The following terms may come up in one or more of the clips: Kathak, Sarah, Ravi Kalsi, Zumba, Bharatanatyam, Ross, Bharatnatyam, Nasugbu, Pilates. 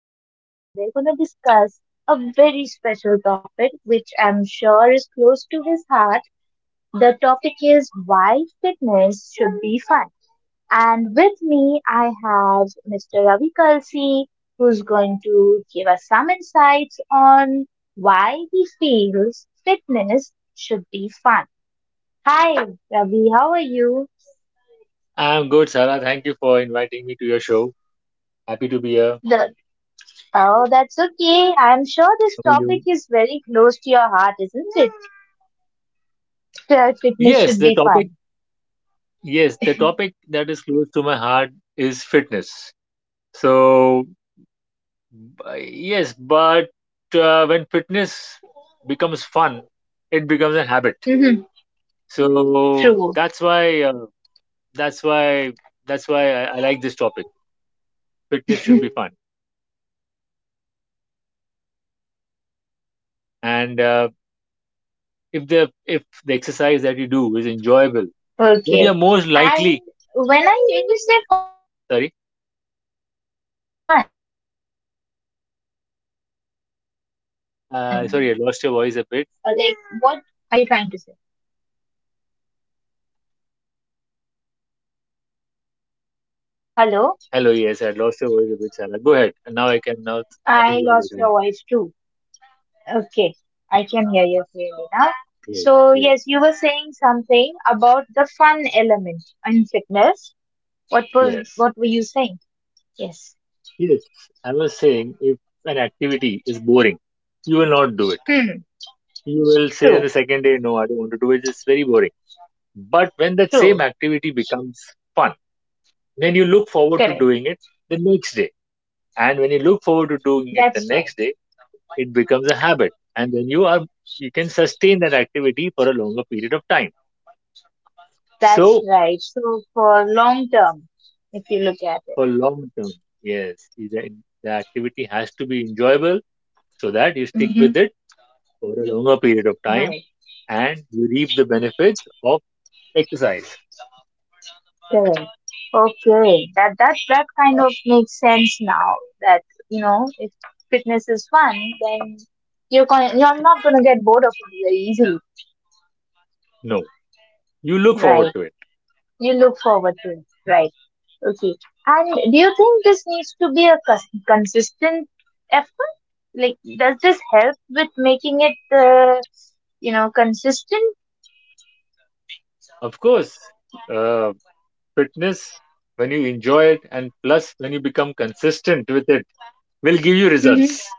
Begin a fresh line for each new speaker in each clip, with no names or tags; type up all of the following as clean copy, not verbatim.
Guest, and we're going to discuss a very special topic, which I'm sure is close to his heart. The topic is why fitness should be fun. And with me, I have Mr. Ravi Kalsi, who's going to give us some insights on why he feels fitness should be fun. Hi, Ravi. How are you?
I'm good, Sarah. Thank you for inviting me to your show. Happy to be here.
The Oh, that's okay. I'm sure this
How are
topic
you?
is very close to your heart, isn't it? Fitness
Yes,
should
the
be
topic,
fun.
yes, the topic that is close to my heart is fitness. So, yes, but when fitness becomes fun, it becomes a habit.
Hmm.
So
True.
that's why, that's why, that's why I like this topic. Fitness should be fun,
Okay. Okay. And when you say
and
fun, like
if
what
the
what
exercise that you do
exactly
is
are you
enjoyable,
trying to say?
then you're most likely, sorry.
Okay. I see. You mean not boring. Correct.
Sorry, I lost your voice a bit.
Hello, Ravi. I kind of lost you there. Hello.
Hello, yes, I lost your voice a bit, Sarah. Go ahead. And now now
I
I think we
lost
have
your
better line.
voice too. Okay, I can hear you clearly now.
Great,
So,
great.
yes, you were saying something about the fun element in fitness.
Yes,
What were you saying? Yes.
yes. I was saying if an activity is boring, you will not do it.
Hmm.
You will say on the
True.
second day, no, I don't want to do it. It's very boring. But when that same activity becomes fun, then you look forward to
Correct.
doing it the next day. And when you look forward to doing
That's
it
right.
the next day, it becomes a habit. And then you can sustain that activity for a longer period of time.
That's
So
right. So for long term, if you look at it.
for long term. Yes, the activity has to be enjoyable so that you stick
Mm-hmm.
with it over a longer period of time
Right.
and you reap the benefits of exercise.
Correct. Okay, that kind of makes sense now. That if fitness is fun, then you're not gonna get bored of it very easily,
No, you look forward
right?
to it.
You look forward to it, right? Okay. And do you think this needs to be a consistent effort? Like, does this help with making it consistent?
Of course, uh, fitness, when you enjoy it and plus when you become consistent with it, will give you
Mm-hmm.
results.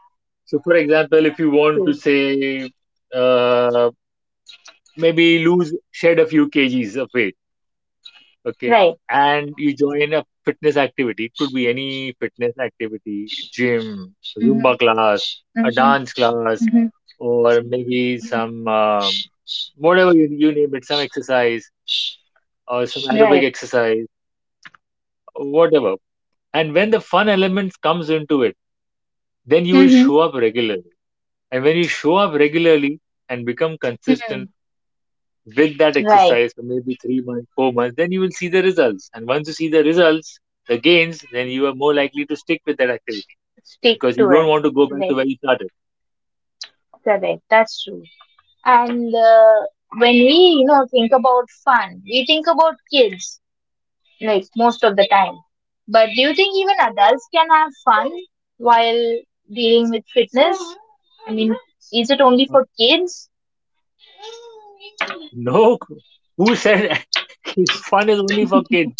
So, for example, if you want to
True.
say, uh, maybe lose, shed a few kgs of weight. Okay.
Right.
And you join a fitness activity. It could be any fitness activity, gym, Zumba
Mm-hmm.
class, a
Mm-hmm.
dance class, or maybe
Mm-hmm.
some whatever you name it, some exercise or some aerobic
Right.
exercise, whatever. And when the fun element comes into it, then you will
Mm-hmm.
show up regularly. And when you show up regularly and become consistent with that
Right.
exercise for maybe 3 months, 4 months, then you will see the results. And once you see the results, the gains, then you are more likely to stick with that activity
Stick
because you
to
don't
it.
want to go back to
Right,
where you started.
correct. That's true. And when we think about fun, we think about kids, like most of the time. But do you think even adults can have fun while dealing with fitness? I mean, is it only
Um,
for kids?
No, who said fun is only for kids?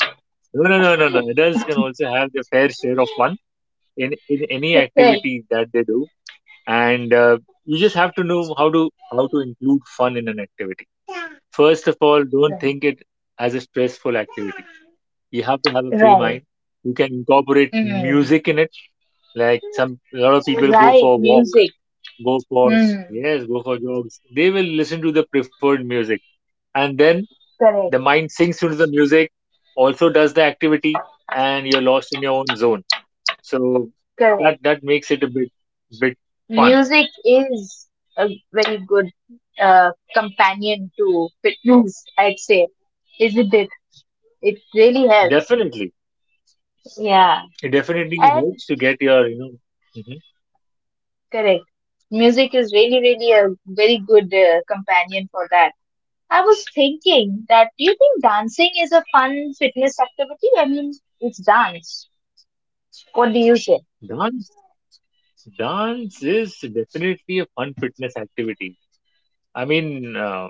No, no, no, no, no. Adults can also have their fair share of fun in any
Right.
activity that they do. And you just have to know how to include fun in an activity. First of all, don't
Right.
think it as a stressful activity. You have to have a free
Right.
mind. You can incorporate
Mm.
music in it. Like some, a lot of people go
Right.
for a walk,
Music.
go for,
Mm.
yes, go for jogs. They will listen to the preferred music, and then the
Correct.
mind sinks into the music, also does the activity, and you're lost in your own zone. So
Correct.
that that makes it a bit fun.
Music is a very good uh, companion to fitness, I'd say, isn't it? It really helps.
Definitely,
Yeah.
it definitely
And
helps to get your, you know, mhm.
correct. Music is really, really a very good companion for that. I was thinking that do you think dancing is a fun fitness activity? I mean, it's dance. What do you say?
dance Dance is definitely a fun fitness activity. I mean, uh,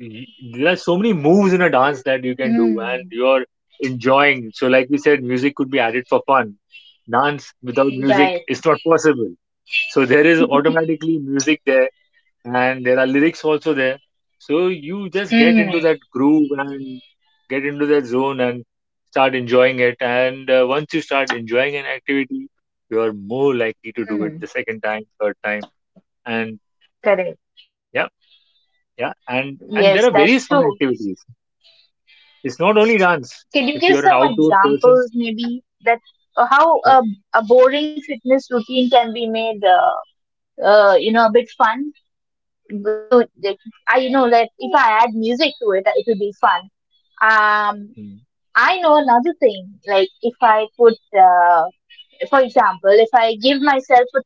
y- there are so many moves in a dance that you can do and
Hmm.
you're enjoying. So, like we said, music could be added for fun. Dance without music
Right.
is not possible. So, there is automatically music there and there are lyrics also there. So, you just get
Hmm.
into that groove and get into that zone and start enjoying it. And once you start enjoying an activity, you're more likely to do
Hmm.
it the second time, third time. And
Correct.
yeah, yeah. And,
Yes,
and there are
that's
various
true.
fun activities. It's not only dance.
Can you give
If
some
you're an outdoor
examples,
person,
maybe, that how
but,
a boring fitness routine can be made a bit fun? Like, I know that if I add music to it, it will be fun. Um,
mm,
I know another thing, like if I put, for example, if I give myself, a,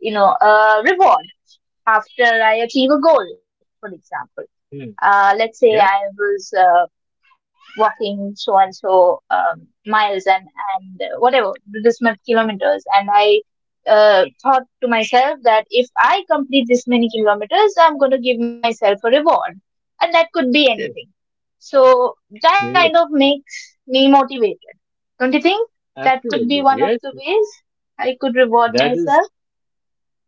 you know, a reward after I achieve a goal, for example.
mm,
Let's say
yeah,
I was walking so and so miles and whatever this much kilometers, and I thought to myself that if I complete this many kilometers, going to give myself a reward, and that could be anything.
yes,
So that
yes,
kind of makes me motivated, don't you think? That could be
absolutely,
one of
yes.
the ways I could reward
That
myself.
is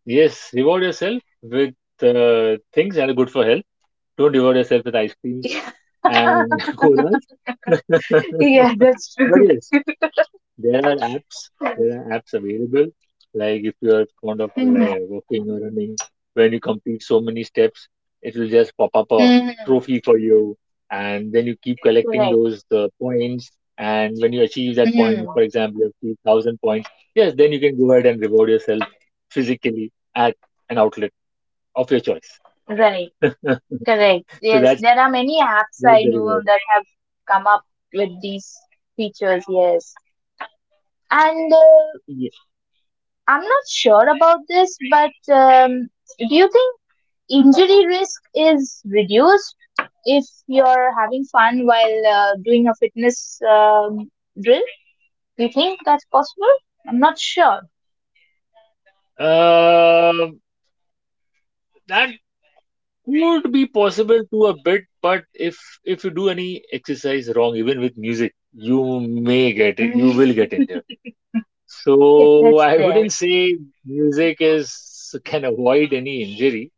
yes. Reward yourself with things that are good for health. Don't reward yourself with ice creams and colas.
Yeah, that's
But
true.
yes, there are apps. There are apps available. Like if you are fond of
Hmm.
like, walking or running, when you complete so many steps, it will just pop up a
Hmm.
trophy for you, and then you keep collecting
Correct.
those points. And when you achieve that point,
Hmm.
for example, you achieve thousand points, yes, then you can go ahead and reward yourself physically at an outlet of your choice.
Right.
So
Correct. Yes, there are many apps
that's
I
the
know
reward.
that have come up with these features. Yes, and
Yeah.
I'm not sure about this, but do you think injury risk is reduced if you're having fun while doing a fitness drill? Do you think that's possible? I'm not sure.
Um, that could be possible to a bit, but if you do any exercise wrong, even with music, you may get it, you
Mm,
will get injured.
yeah,
So
that's
I
there.
wouldn't say music is, can avoid any injury,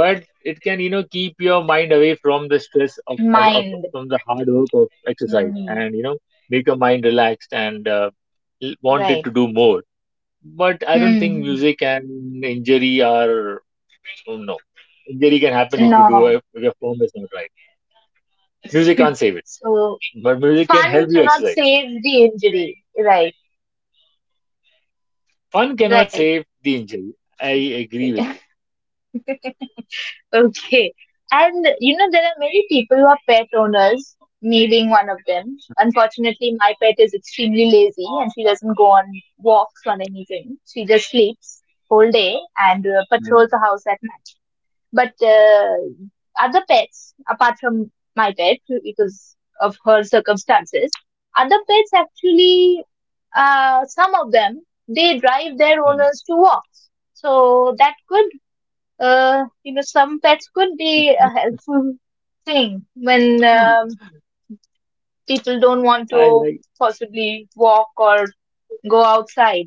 but it can, you know, keep your mind away from the stress of,
Mind.
from the hard work of exercise,
Hmm.
and you know, make your mind relaxed and want it
Right.
to do more. But I don't think
Hmm.
music and injury are. Oh no. Injury can happen if
No.
if your form is not right. Music can't save it,
So,
but music can
fun
help you
cannot
exercise.
save the injury. Right,
Fun cannot
right.
save the injury. I agree with you.
Okay. And you know, there are many people who are pet owners, me being one of them. Unfortunately, my pet is extremely lazy and she doesn't go on walks or anything. She just sleeps whole day and patrols the house at night. But other pets, apart from my pet, because of her circumstances, other pets actually, some of them, they drive their
Hmm.
owners to walks. So that could, you know, some pets could be a helpful thing when people don't want
I
to
like,
possibly walk or go outside.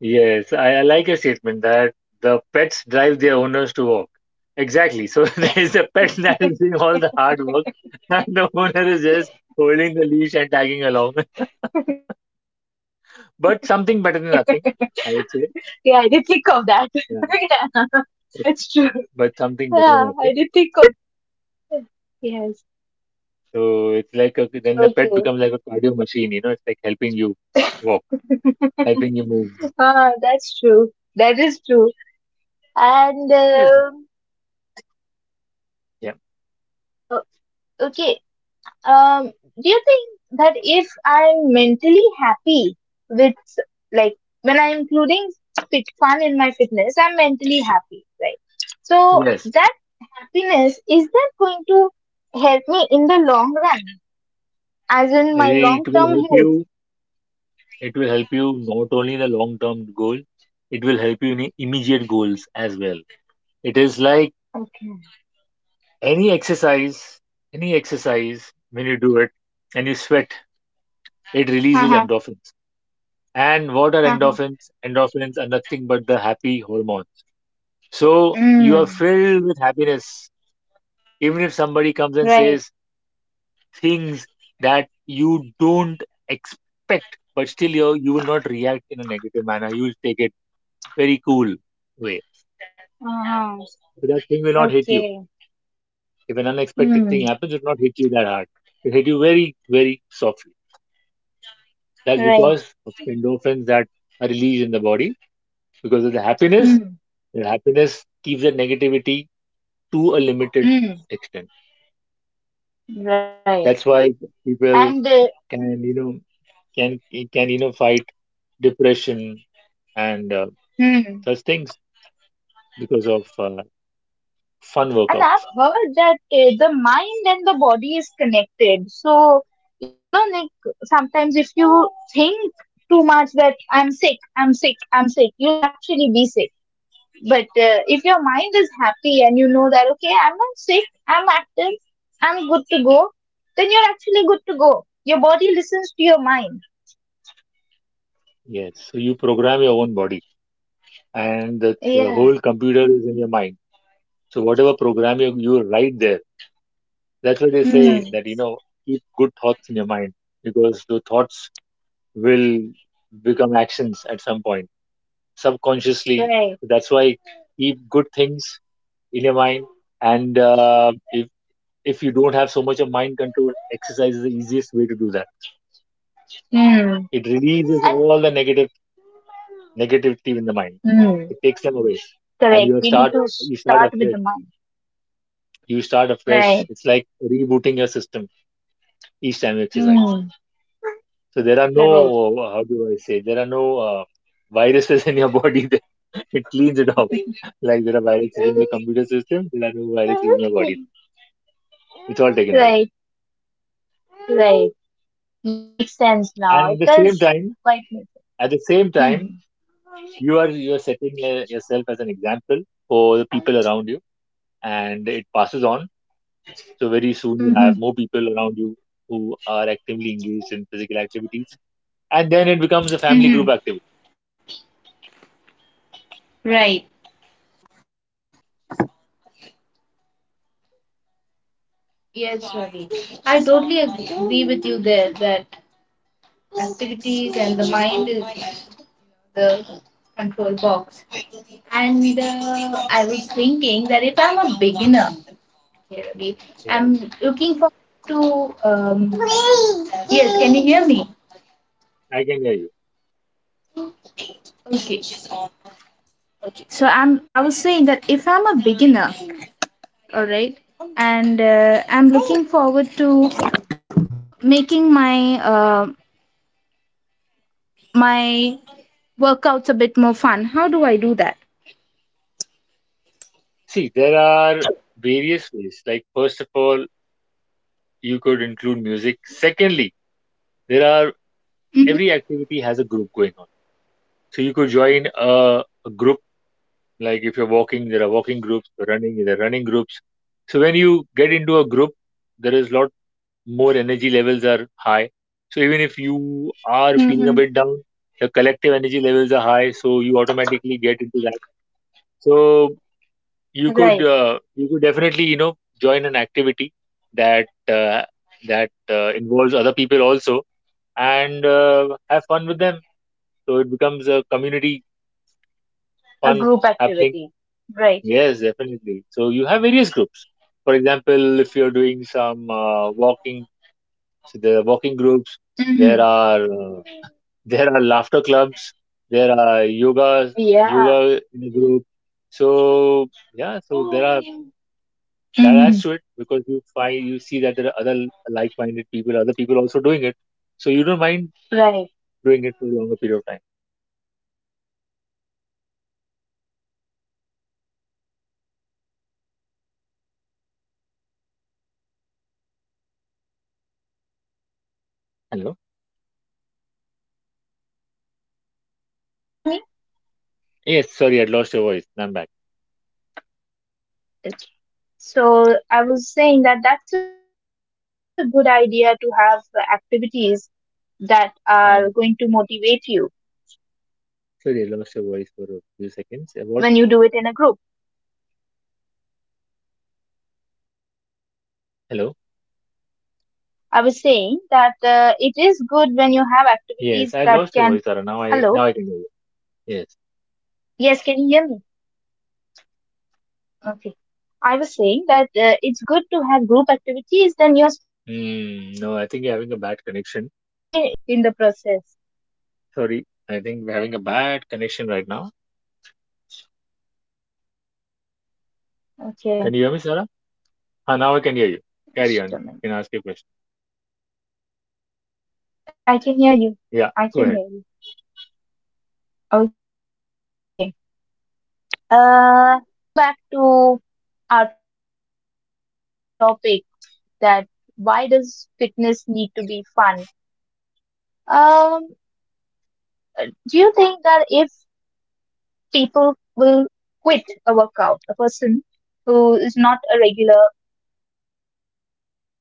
yes, I like your statement that the pets drive their owners to walk. Exactly. So there's the pet that is doing all the hard work, and the owner is just holding the leash and tagging along. But something better than nothing,
Yeah, I did
I
think
would say.
of that. Yeah,
Yeah.
that's true.
But
Yeah, I
something
did
better than
think of
nothing.
it. Yes.
So it's like a, then the pet
Okay.
becomes like a cardio machine, you know, it's like helping you walk, helping you move.
Ah, that's true. That is true. And
Yes. Yeah.
o- okay, um, do you think that if I'm mentally happy with like when I'm including fit fun in my fitness, I'm mentally happy, right? So
Yes.
that happiness, is that going to help me in the long run, as in my long
It will
term
help
health?
you. It will help you not only the long term goal, it will help you in immediate goals as well. It is like
Okay.
any exercise, any exercise, when you do it and you sweat, it releases
Uh-huh.
endorphins. And what are
Uh-huh.
endorphins? Endorphins are nothing but the happy hormone. So you are
Mm,
filled with happiness. Even if somebody comes
right.
and says, things that you don't expect, but still you will not react in a negative manner. You will take it very cool way.
Uh-huh.
So that thing will not hit you.
Okay.
If an unexpected
Hmm.
thing happens, it will not hit you that hard. It hit you very, very softly. That's because
Right.
of the endorphins that are released in the body because of the happiness.
Mm.
The happiness keeps the negativity to a limited
Mm.
extent.
Right.
That's why people
And
can, you know, can can, you know, fight depression and
mm.
such
and
things because of fun
I've
workouts.
heard that the mind and the body is connected. So like sometimes if you think too much that I'm sick, I'm sick, I'm sick, you'll actually be sick. But if your mind is happy and you know that okay, I'm not sick, I'm active, I'm good to go, then you're actually good to go. Your body listens to your mind.
Yes, so you program your own body, and the
Yeah.
whole computer is in your mind. So whatever program you write there, that's why they say
Mm.
that, you know, keep good thoughts in your mind because the thoughts will become actions at some point subconsciously.
Right.
So that's why keep good things in your mind, and if you don't have so much of mind control, exercise is the easiest way to do that.
Mm.
It releases all the negative negativity in the
Hmm.
mind. It takes them away,
Correct. We
and
need to
you
start with
start
the
afresh.
mind.
You start
Right.
afresh. It's like rebooting your system each time you
Hmm.
exercise. So there are
Correct.
no how do I say, there are no viruses in your body. That it cleans it off. Like there are viruses in the computer system, there are no viruses in your body. It's all taken away.
Right. Right. Makes sense now.
And at
It
the same
does
time,
quite make
at the same
sense. Hmm.
time, you are setting yourself as an example for the people around you, and it passes on. So very soon you have more people around you who are actively engaged in physical activities, and then it becomes a family group activity.
Yes, Ravi. I totally agree with you there that activities and the mind is the control box. And I was thinking that if I'm a beginner, okay, Ravi,
Yes,
I'm looking for to. Yes, can you hear me?
I can hear you.
Okay. Okay. I was saying that if I'm a beginner, all right, and I'm looking forward to making my Workout's a bit more fun. How do I do that?
See, there are various ways. Like first of all, you could include music. Secondly, there are,
Hmm.
every activity has a group going on. So you could join a group. Like if you're walking, there are walking groups. Running, there are running groups. So when you get into a group, there is lot, more energy levels are high. So even if you are feeling
Hmm.
a bit down, the collective energy levels are high, so you automatically get into that. So
Right.
you could definitely, you know, join an activity that uh, that involves other people also and have fun with them. So it becomes a community
A
fun
group
happening.
activity. Right.
Yes, definitely. So you have various groups. For example, if you're doing some walking. So there are walking groups. There
Hmm.
are there are laughter clubs. There are yoga
Yeah.
in a group. So yeah, so there are, that adds to it
Hmm.
because you find, you see that there are other like-minded people, other people also doing it. So you don't mind
Right.
doing it for a longer period of time.
Right. That's that's a really good idea to get involved in group
Hello.
activities because that will motivate you. Hello. Yes, can you hear me?
Yes, sorry, I lost your voice. Now I'm back.
So I was saying that that's a good idea to have
I,
activities that are going to
sorry, I lost
motivate
your
you
voice for a few seconds. About,
when you do it in a group.
hello.
I was saying that it is good when you have
Yes, I
activities
lost your voice,
that
Tara.
can.
Now I can hear you.
Hello?
Yes.
Yes, can you hear me? Okay. I was saying that it's good to have group activities,
Mm,
then
no,
you're
I think you're
stay
having a
you're
bad
kept
connection.
motivated by the motivation of somebody else
Sorry, I think we're
in the
having a bad
process.
connection right now. Can you hear me, Sarah? Ah, now I can hear
Okay,
you. Carry on. You can ask your question.
just a minute. I can hear you.
Yeah,
I
go
can
ahead.
hear you. Okay. Uh, so, coming back to our topic, that why does fitness need to be fun? Um, Do you think that if people will quit a workout, a person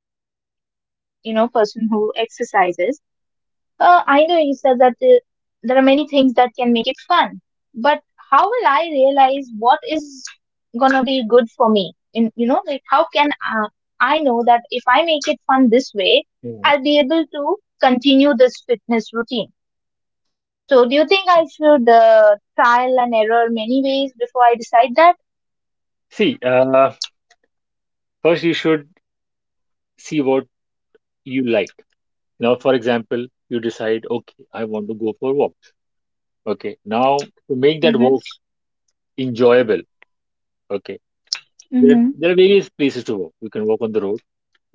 who is not a regular, person who exercises, I know you said that there are many things that can make it fun, but how will I realize what is gonna be good for me? Like, how can
Yeah.
I know that if I make it fun this way, I'll be able to continue this fitness routine? So, do you think I should trial and
See,
error many
uh,
ways before I decide that?
first you should see what you like. Now, for example, you decide, okay, I want to go for walks. Okay, now to make that walk enjoyable, okay, there
Mm-hmm.
there are various places to walk. You can walk on the road.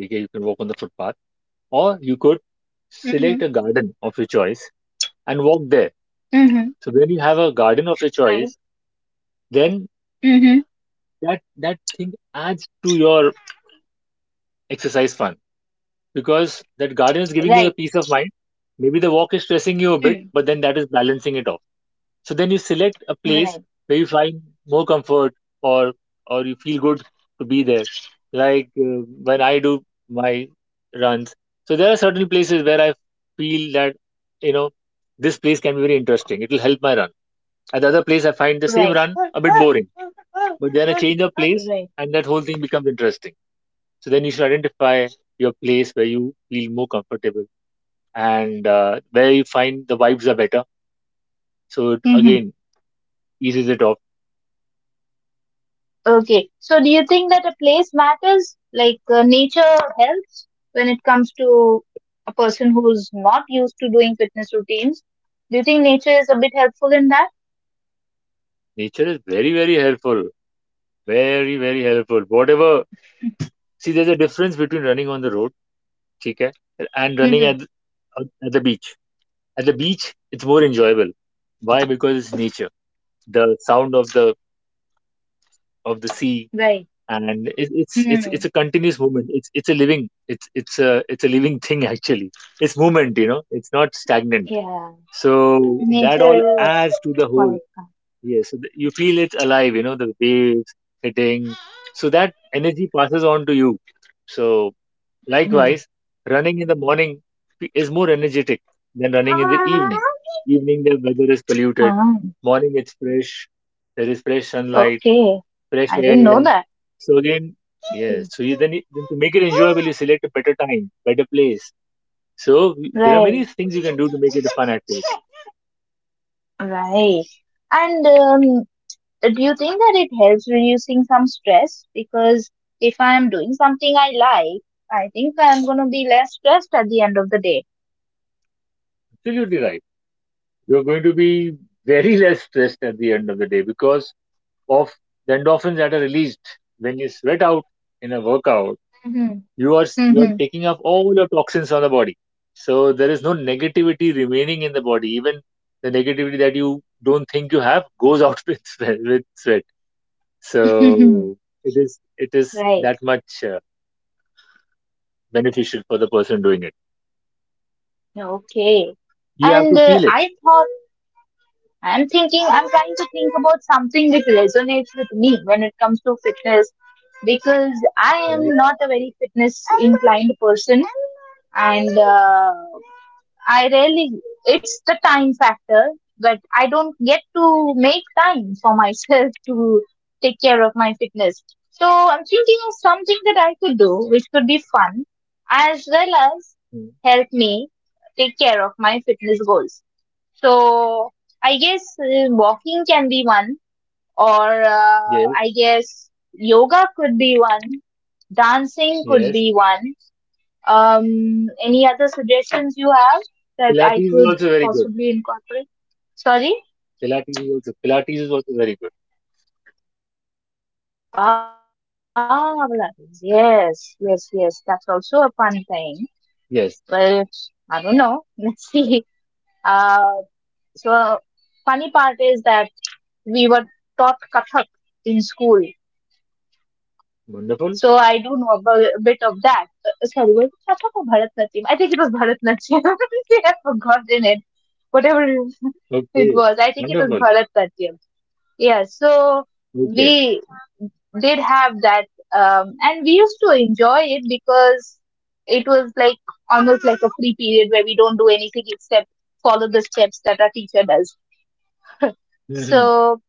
Okay, you can walk on the footpath,
Mm-hmm.
or you could select a garden of your choice and walk there. So when you have a
Mm-hmm.
garden of your choice, then
Mm-hmm.
that thing adds
Right.
to your exercise fun, because that garden is
Right,
giving you the peace of mind. Maybe the walk is stressing you a
mm.
bit, but then that is balancing it off. So then you select a
Right.
place where you find more comfort, or or you feel good to be there, like when I do my runs. So there are certain places where I feel that, you know, this place can be very interesting, it will help my run. At the other place I find the same
Right.
run a bit boring, but then I change the place
Right.
and that whole thing becomes interesting. So then you should identify your place where you feel more comfortable and where you find the vibes are better. So it
Mm-hmm.
again eases it off.
Okay. So, do you think that a place matters, like nature helps when it comes to a person who's not used to doing fitness routines? Do you think nature is a bit helpful in that?
Nature is very, very helpful. Very, very helpful. Whatever. See, there's a difference between running on the road, ठीक है, and
Mm-hmm.
running at the beach. At the beach, it's more enjoyable. Why? Because it's nature. The sound of the sea,
Right.
and it, it's it's
Mm-hmm.
it's a continuous movement. It's it's a living thing actually. It's movement, you know, it's not stagnant,
Yeah.
so that all
Nature is
adds to the whole.
quite
Yes, so that you feel it's alive, you know, the waves hitting, so that energy passes on to you. So
calm.
likewise, running in the morning is more energetic than running in the evening. Evening the weather is polluted,
Ah,
morning it's fresh, there is fresh sunlight,
okay.
fresh
I didn't know
air.
that.
So again, yes.
Right,
So you then, to make it enjoyable, you select a better time, better place. So there are many things you can do to make it a fun activity.
right. And do you think that it helps reducing some stress? Because if I am doing something I like, I think I'm going to be less stressed at the end of the day.
Absolutely right. You're going to be very less stressed at the end of the day because of the endorphins that are released when you sweat out in a workout.
Mm-hmm.
You are taking off all your toxins from the body. So there is no negativity remaining in the body. Even the negativity that you don't think you have goes out with sweat. With sweat.
Mm-hmm.
So it is
Right.
that much beneficial for the person doing it.
Okay.
You have
And
to feel it,
I'm trying to think about something that resonates with me when it comes to fitness because I am
right?
not a very fitness inclined person and I rarely, it's the time factor that I don't get to make time for myself to take care of my fitness. So I'm thinking of something that I could do which could be fun as well as
Mm.
help me take care of my fitness goals. So I guess walking can be one, or
Yes,
I guess yoga could be one, dancing could
yes.
be one. Any other suggestions you have that I
Pilates is
could
also very good.
possibly incorporate? Sorry?
Pilates is also very good.
Ah, Pilates. Yes, yes, yes. That's also a fun thing. Well,
Yes,
I don't know. Let's see. Uh, so, funny part is that we were taught Kathak in school.
wonderful.
So I do know a a bit of that. Sorry, was it Chatak or Bharatnatyam? I think it was Bharatnatyam. See, I've forgotten it. Whatever it
Okay,
was, I think it was
wonderful.
Bharatnatyam. Yeah, so
Okay.
we did have that, and we used to enjoy it because it was like almost like a free period where we don't do anything except follow the steps that our teacher does.
Hmm.
So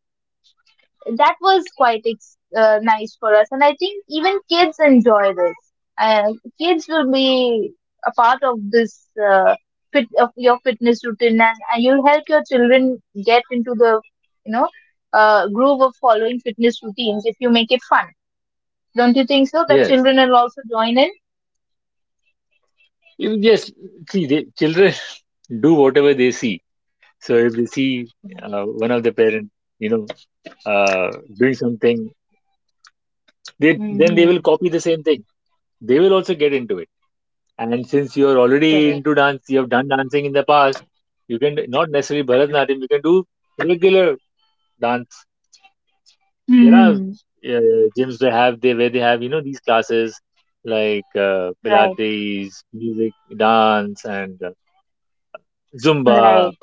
that was quite nice for us and I think even kids enjoy this uh, Kids will be a part of this uh, fit of your fitness routine and you'll help your children get into the you know groove of following fitness routines if you make it fun. Don't you think so, that
Yes,
children will also join in?
Yes. See, the children do whatever they see. So if they see one of the parents, you know, doing something, they then they will
Mm-hmm.
copy the same thing. They will also get into it. And since you're already
Correct.
into dance, you have done dancing in the past, you can, not necessarily Bharatanatyam, you can do regular dance. There are
Hmm.
gyms where they have, you know, these classes like
Right,
Pilates, music, dance, and Zumba.
right.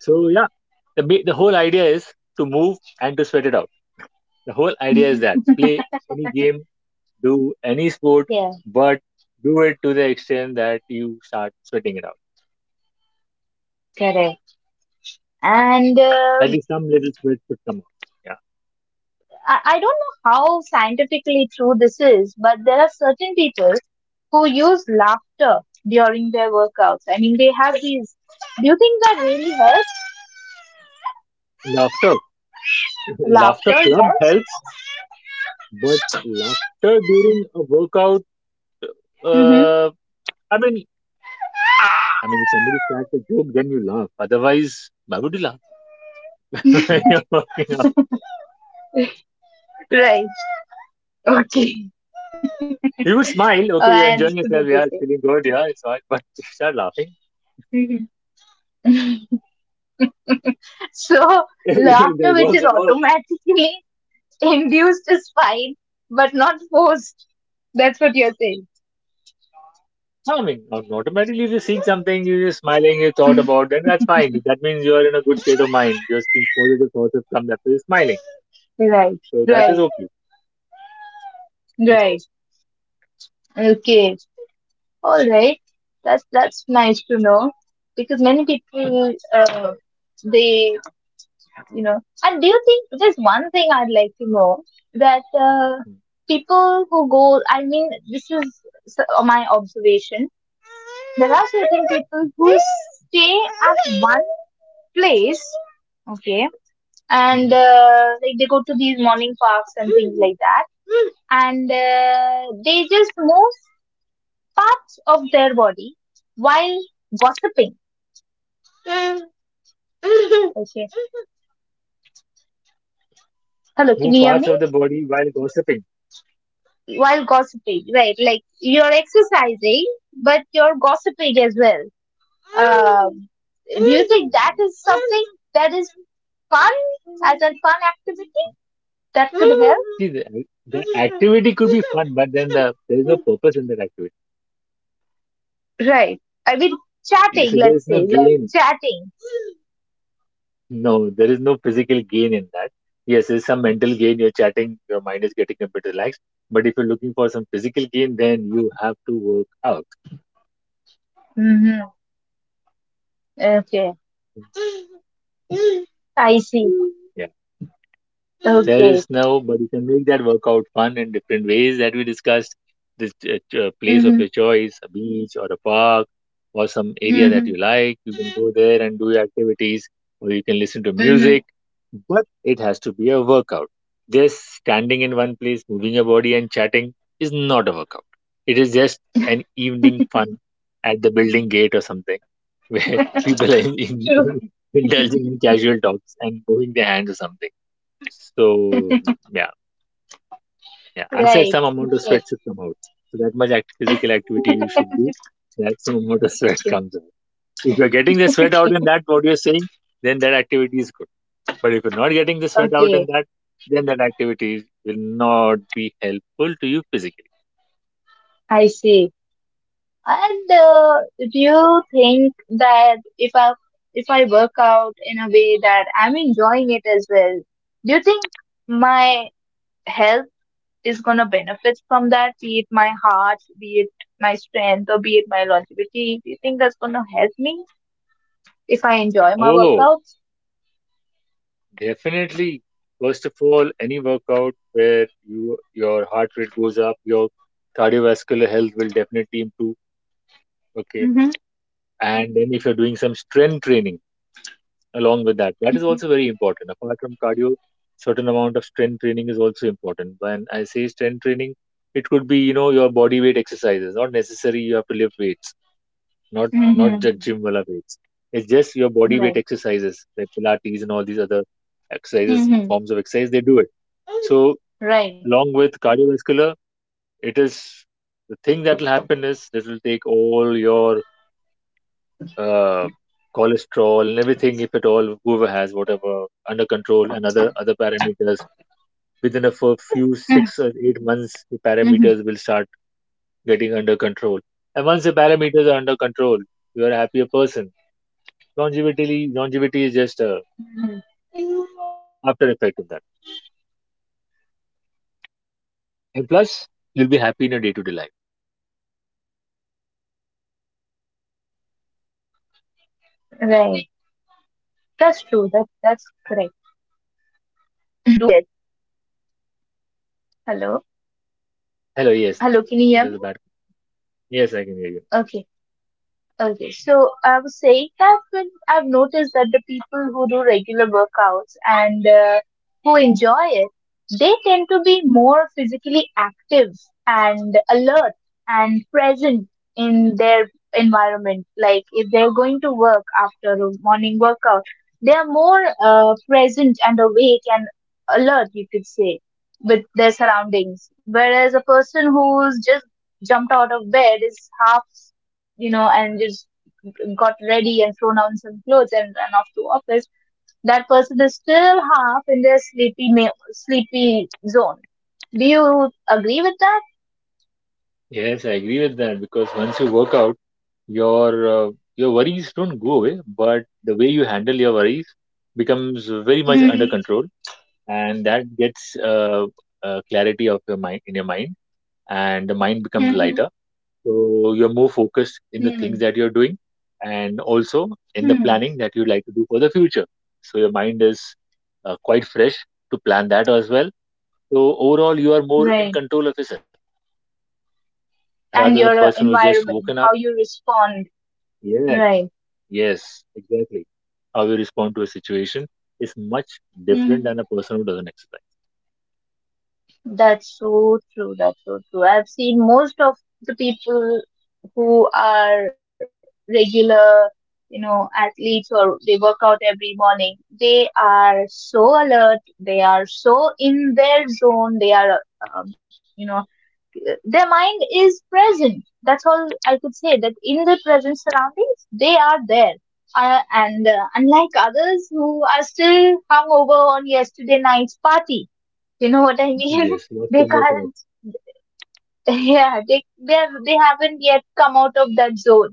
So yeah, the whole idea is to move and to sweat it out. The whole idea is that play any game, do any sport,
Yeah.
but do it to the extent that you start sweating it out.
Correct. and uh,
At least some little sweat should come out.
I, I don't know how scientifically true this is, but there are certain people who use laughter during their workouts. I mean, they have these. Do you think that really helps?
Yeah. Laughter. Laughter
Laughter,
club
yes.
helps, but laughter during a workout,
Mm-hmm.
uh, I mean, if somebody cracks a joke, then you laugh. Otherwise, why would you laugh? You're working out.
Right. Okay.
You would
Oh,
smile.
I
Okay, you're
understood
enjoying
what you
yourself.
said.
Yeah, it's feeling good. Yeah, it's all. But if you start laughing,
So,
if
laughter,
that
which
works,
is
it works.
automatically induced is fine, but not forced. That's what you're saying.
Automatically, if you see something, you're just smiling, you thought about, then that's fine. That means you're in a good state of mind. Just think positive thoughts have come, that's why you're smiling.
Right,
So that is
right,
okay. That's fine.
right. Okay, all right. That's nice to know because many people they you know. And do you think there's one thing I'd like to know that
Hmm.
people who go? I mean, this is my observation. There are certain people who stay at one place. Okay. and
Mhm.
like they go to these morning parks and things like that and they just move parts of their body while gossiping. Okay, hello, can
Move
you hear
parts
me?
of the body while gossiping.
While gossiping, right? Like you're exercising but you're gossiping as well um, do you think that
Mm.
is something that is fun, as a fun activity that could help?
See, the activity could be fun, but then there is no purpose in that activity.
Right. I mean, chatting,
So there is
let's
no
say, like
gain.
chatting.
No, there is no physical gain in that. Yes, there's some mental gain. You're chatting, your mind is getting a bit relaxed. But if you're looking for some physical gain, then you have to work out.
Mm-hmm. Okay.
Mm-hmm.
I see.
Yeah. There
Okay.
is no, but you can make that workout fun in different ways that we discussed. This place of your
Mm-hmm.
choice, a beach or a park or some area that
Mm-hmm.
you like, you can go there and do your activities, or you can listen to
Mm-hmm.
music, but it has to be a workout. Just standing in one place, moving your body and chatting is not a workout. It is just an evening fun at the building gate or something where people are
True.
indulging in casual talks and moving their hands or something. So yeah, yeah. I said
Right.
some amount of
Okay.
sweat should come out. So that much physical activity you should do. That some amount of sweat comes out. If you're getting the sweat out
Okay.
in that, what you're saying, then that activity is good. But if you're not getting the sweat out in
Okay.
that, then that activity will not be helpful to you physically.
I see. And do you think that if I work out in a way that I'm enjoying it as well, do you think my health is gonna benefit from that? Be it my heart, be it my strength, or be it my longevity. Do you think that's gonna help me if I enjoy my
Oh,
workouts?
definitely. First of all, any workout where you your heart rate goes up, your cardiovascular health will definitely improve. Okay.
Mm-hmm.
And then if you're doing some strength training, along with that, that is also very important apart from cardio. Certain amount of strength training is also important. When I say strength training, it could be, you know, your body weight exercises. Not necessary you have to lift weights, not not just
Mm-hmm.
gym wala weights, it's just your body weight
Right.
exercises like Pilates and all these other exercises,
Mm-hmm.
forms of exercise, they do it. So
Right.
along with cardiovascular, it is, the thing that will happen is this will take all your uh, cholesterol and everything, if at all, whoever has whatever under control, and other
Mhm,
parameters, within a
mhm,
few 6 or 8 months, your parameters will start getting under control. And once your parameters are under control, you are a happier person.
mhm.
Longevity, longevity is just a after effect of that.
Right.
And plus,
That's true.
you'll
That
be happy in
that's
your day-to-day
correct.
life.
I've noticed the people who do regular workouts and who enjoy it. Hello,
Hello, yes,
hello. Can you
and
hear
there's
me?
a bad. Yes, I can hear you.
Okay. Okay, so I was saying that when I've noticed that the people who do regular workouts and who enjoy it, they tend to be more physically active and alert and present in their environment. Like if they're going to work after a morning workout, they are more present and awake and alert, you could say, with their surroundings. Whereas a person who's just jumped out of bed is half, and just got ready and thrown on some clothes and ran off to office, that person is still half in their sleepy zone. Do you agree with that?
Yes, I agree with that because once you work out, your uh, your worries don't go away, but the way you handle your worries becomes very much under
Mm-hmm.
control, and that gets clarity of your mind in your mind, and the mind becomes
Mm-hmm.
lighter, so you're more focused in the things that you're doing, and also in the
Hmm.
planning that you like to do for the future. So your mind is quite fresh to plan that as well. So overall you are more in
Right.
control of yourself, rather the
And
person who's
your
just woken up.
environment, how you respond.
Yeah.
Right.
Yes, exactly. How you respond to a situation is much different than a person who doesn't exercise.
That's so true. That's so true. I've seen most of the people who are regular, you know, athletes, or they work out every morning. They are so alert. They are so in their zone. They are, um, you know, their mind is present. That's all I could say. That in the present surroundings, they are there. And unlike others who are still hungover on yesterday night's party, you know what I mean?
Yes, what's
They
in their
can't.
thoughts?
Yeah, they haven't yet come out of that zone.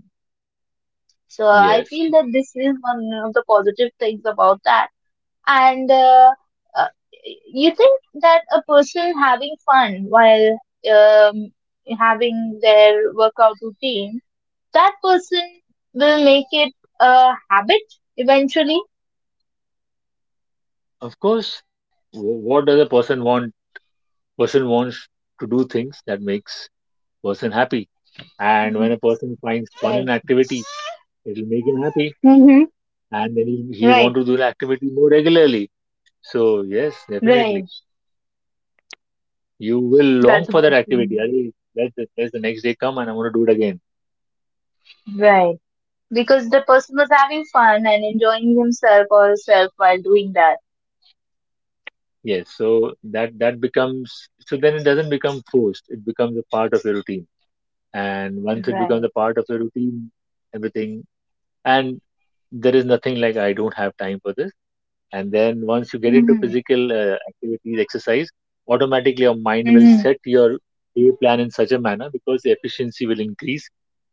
So I feel
Yes,
that this is one of the positive things about that. And uh, you think that a person having fun while um, having their workout routine, that person will make it a habit eventually.
of course. What does a person want? Person wants to do things that makes person happy. And
Mhm.
when a person finds fun in activity, it will make him happy, and then he'll want to do the activity more regularly. So yes, definitely, you will
That's
long for
good
that
to
activity.
know.
Let let the next day come, and I'm going to do it again.
Right. Because the person was having fun and enjoying himself or herself while doing that.
Yes, so that that becomes, so then it doesn't become forced. It becomes a part of your routine. And once it becomes
Right.
a part of your routine, everything, and there is nothing like I don't have time for this. And then once you get into
Hmm.
physical activities, exercise, automatically your mind will
Mm-hmm.
set your day plan in such a manner because the efficiency will increase.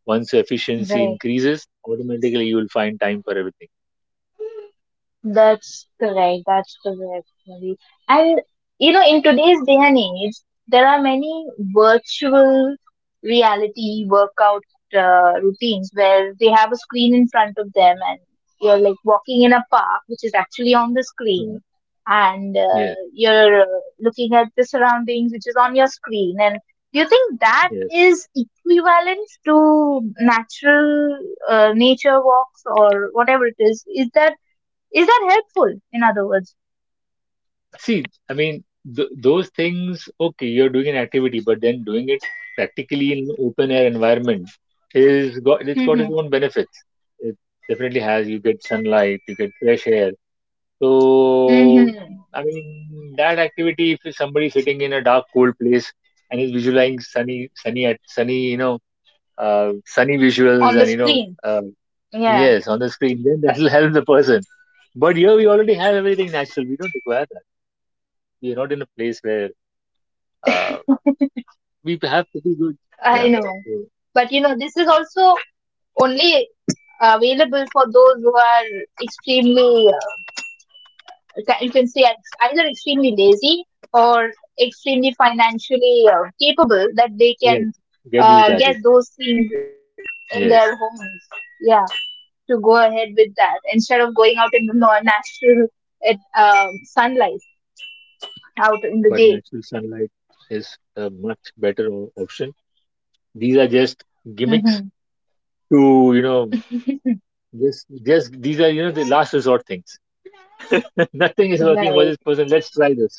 Once your efficiency
Right.
increases, automatically you will find time for everything.
That's correct. That's correct, Marie. And you know, in today's day and age, there are many virtual reality workout routines where they have a screen in front of them, and you're like walking in a park, which is actually on the
Yeah.
screen, and uh,
Yes,
you're uh, looking at the surroundings, which is on your screen. And do you think that
yes.
is equivalent to natural nature walks or whatever it is? Is that helpful? In other words,
See, I mean, th those things, okay, you're doing an activity, but then doing it practically in open air environment is, got it's got
hmm,
its own benefits. It definitely has. You get sunlight, you get fresh air. So,
hmm.
I mean, that activity, if somebody sitting in a dark, cold place and is visualizing sunny, you know, sunny visuals,
On the
and you know,
screen. Yeah,
yes, on the screen, then that'll help the person. But here we already have everything natural. We don't require that. We are not in a place where uh, we have pretty good. Yeah.
I
So,
know. But you know, this is also only available for those who are extremely, you can say, either extremely lazy or extremely financially
yes,
capable, that
get
they
these
can
gadgets.
get those things
Yes,
in their homes. Yeah, of going out in the natural sunlight out in the
but natural sunlight is a much better option. These are just
day.
gimmicks to, you know, just these are, you know, the last resort things. Nothing is working for
Right.
this person. Let's try this.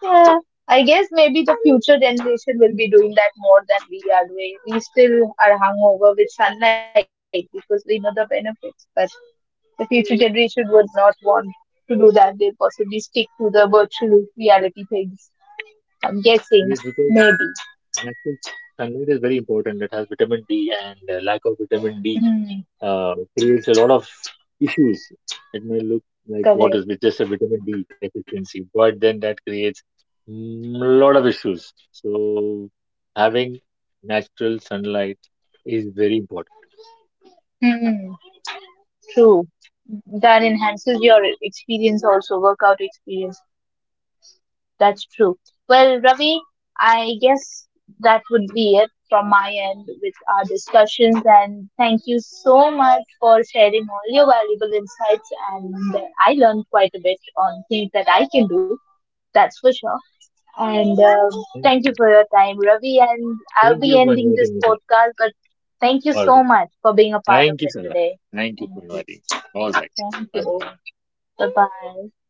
Yeah. I guess maybe the future generation will be doing that more than we are doing. We still are hungover with sunlight because we know the benefits, but the future generation would not want to do that. They'll possibly stick to the virtual reality things. I'm guessing.
Yes, because
Maybe.
natural sunlight is very important. It has vitamin D, and lack of vitamin D
Hmm.
creates a lot of issues. It may look like what
Correct.
is with just a vitamin D deficiency, but then that creates a lot of issues. So having natural sunlight is very important.
Hmm. True. That enhances your experience also, workout experience. That's true. Well, Ravi, I guess that would be it from my end with our discussions. And thank you so much for sharing all your valuable insights. And I learned quite a bit on things that I can do, that's for sure. And um,
Thank
thank you
you.
for your time, Ravi. And I'll
Thank
be
you for
ending this
inviting me, sir.
podcast, but thank you
All right.
so much for being a part
Thank
of
you,
it
sir.
today.
Thank you for
Thank you.
inviting me. All right. Bye
Thank
bye.
you. Bye bye.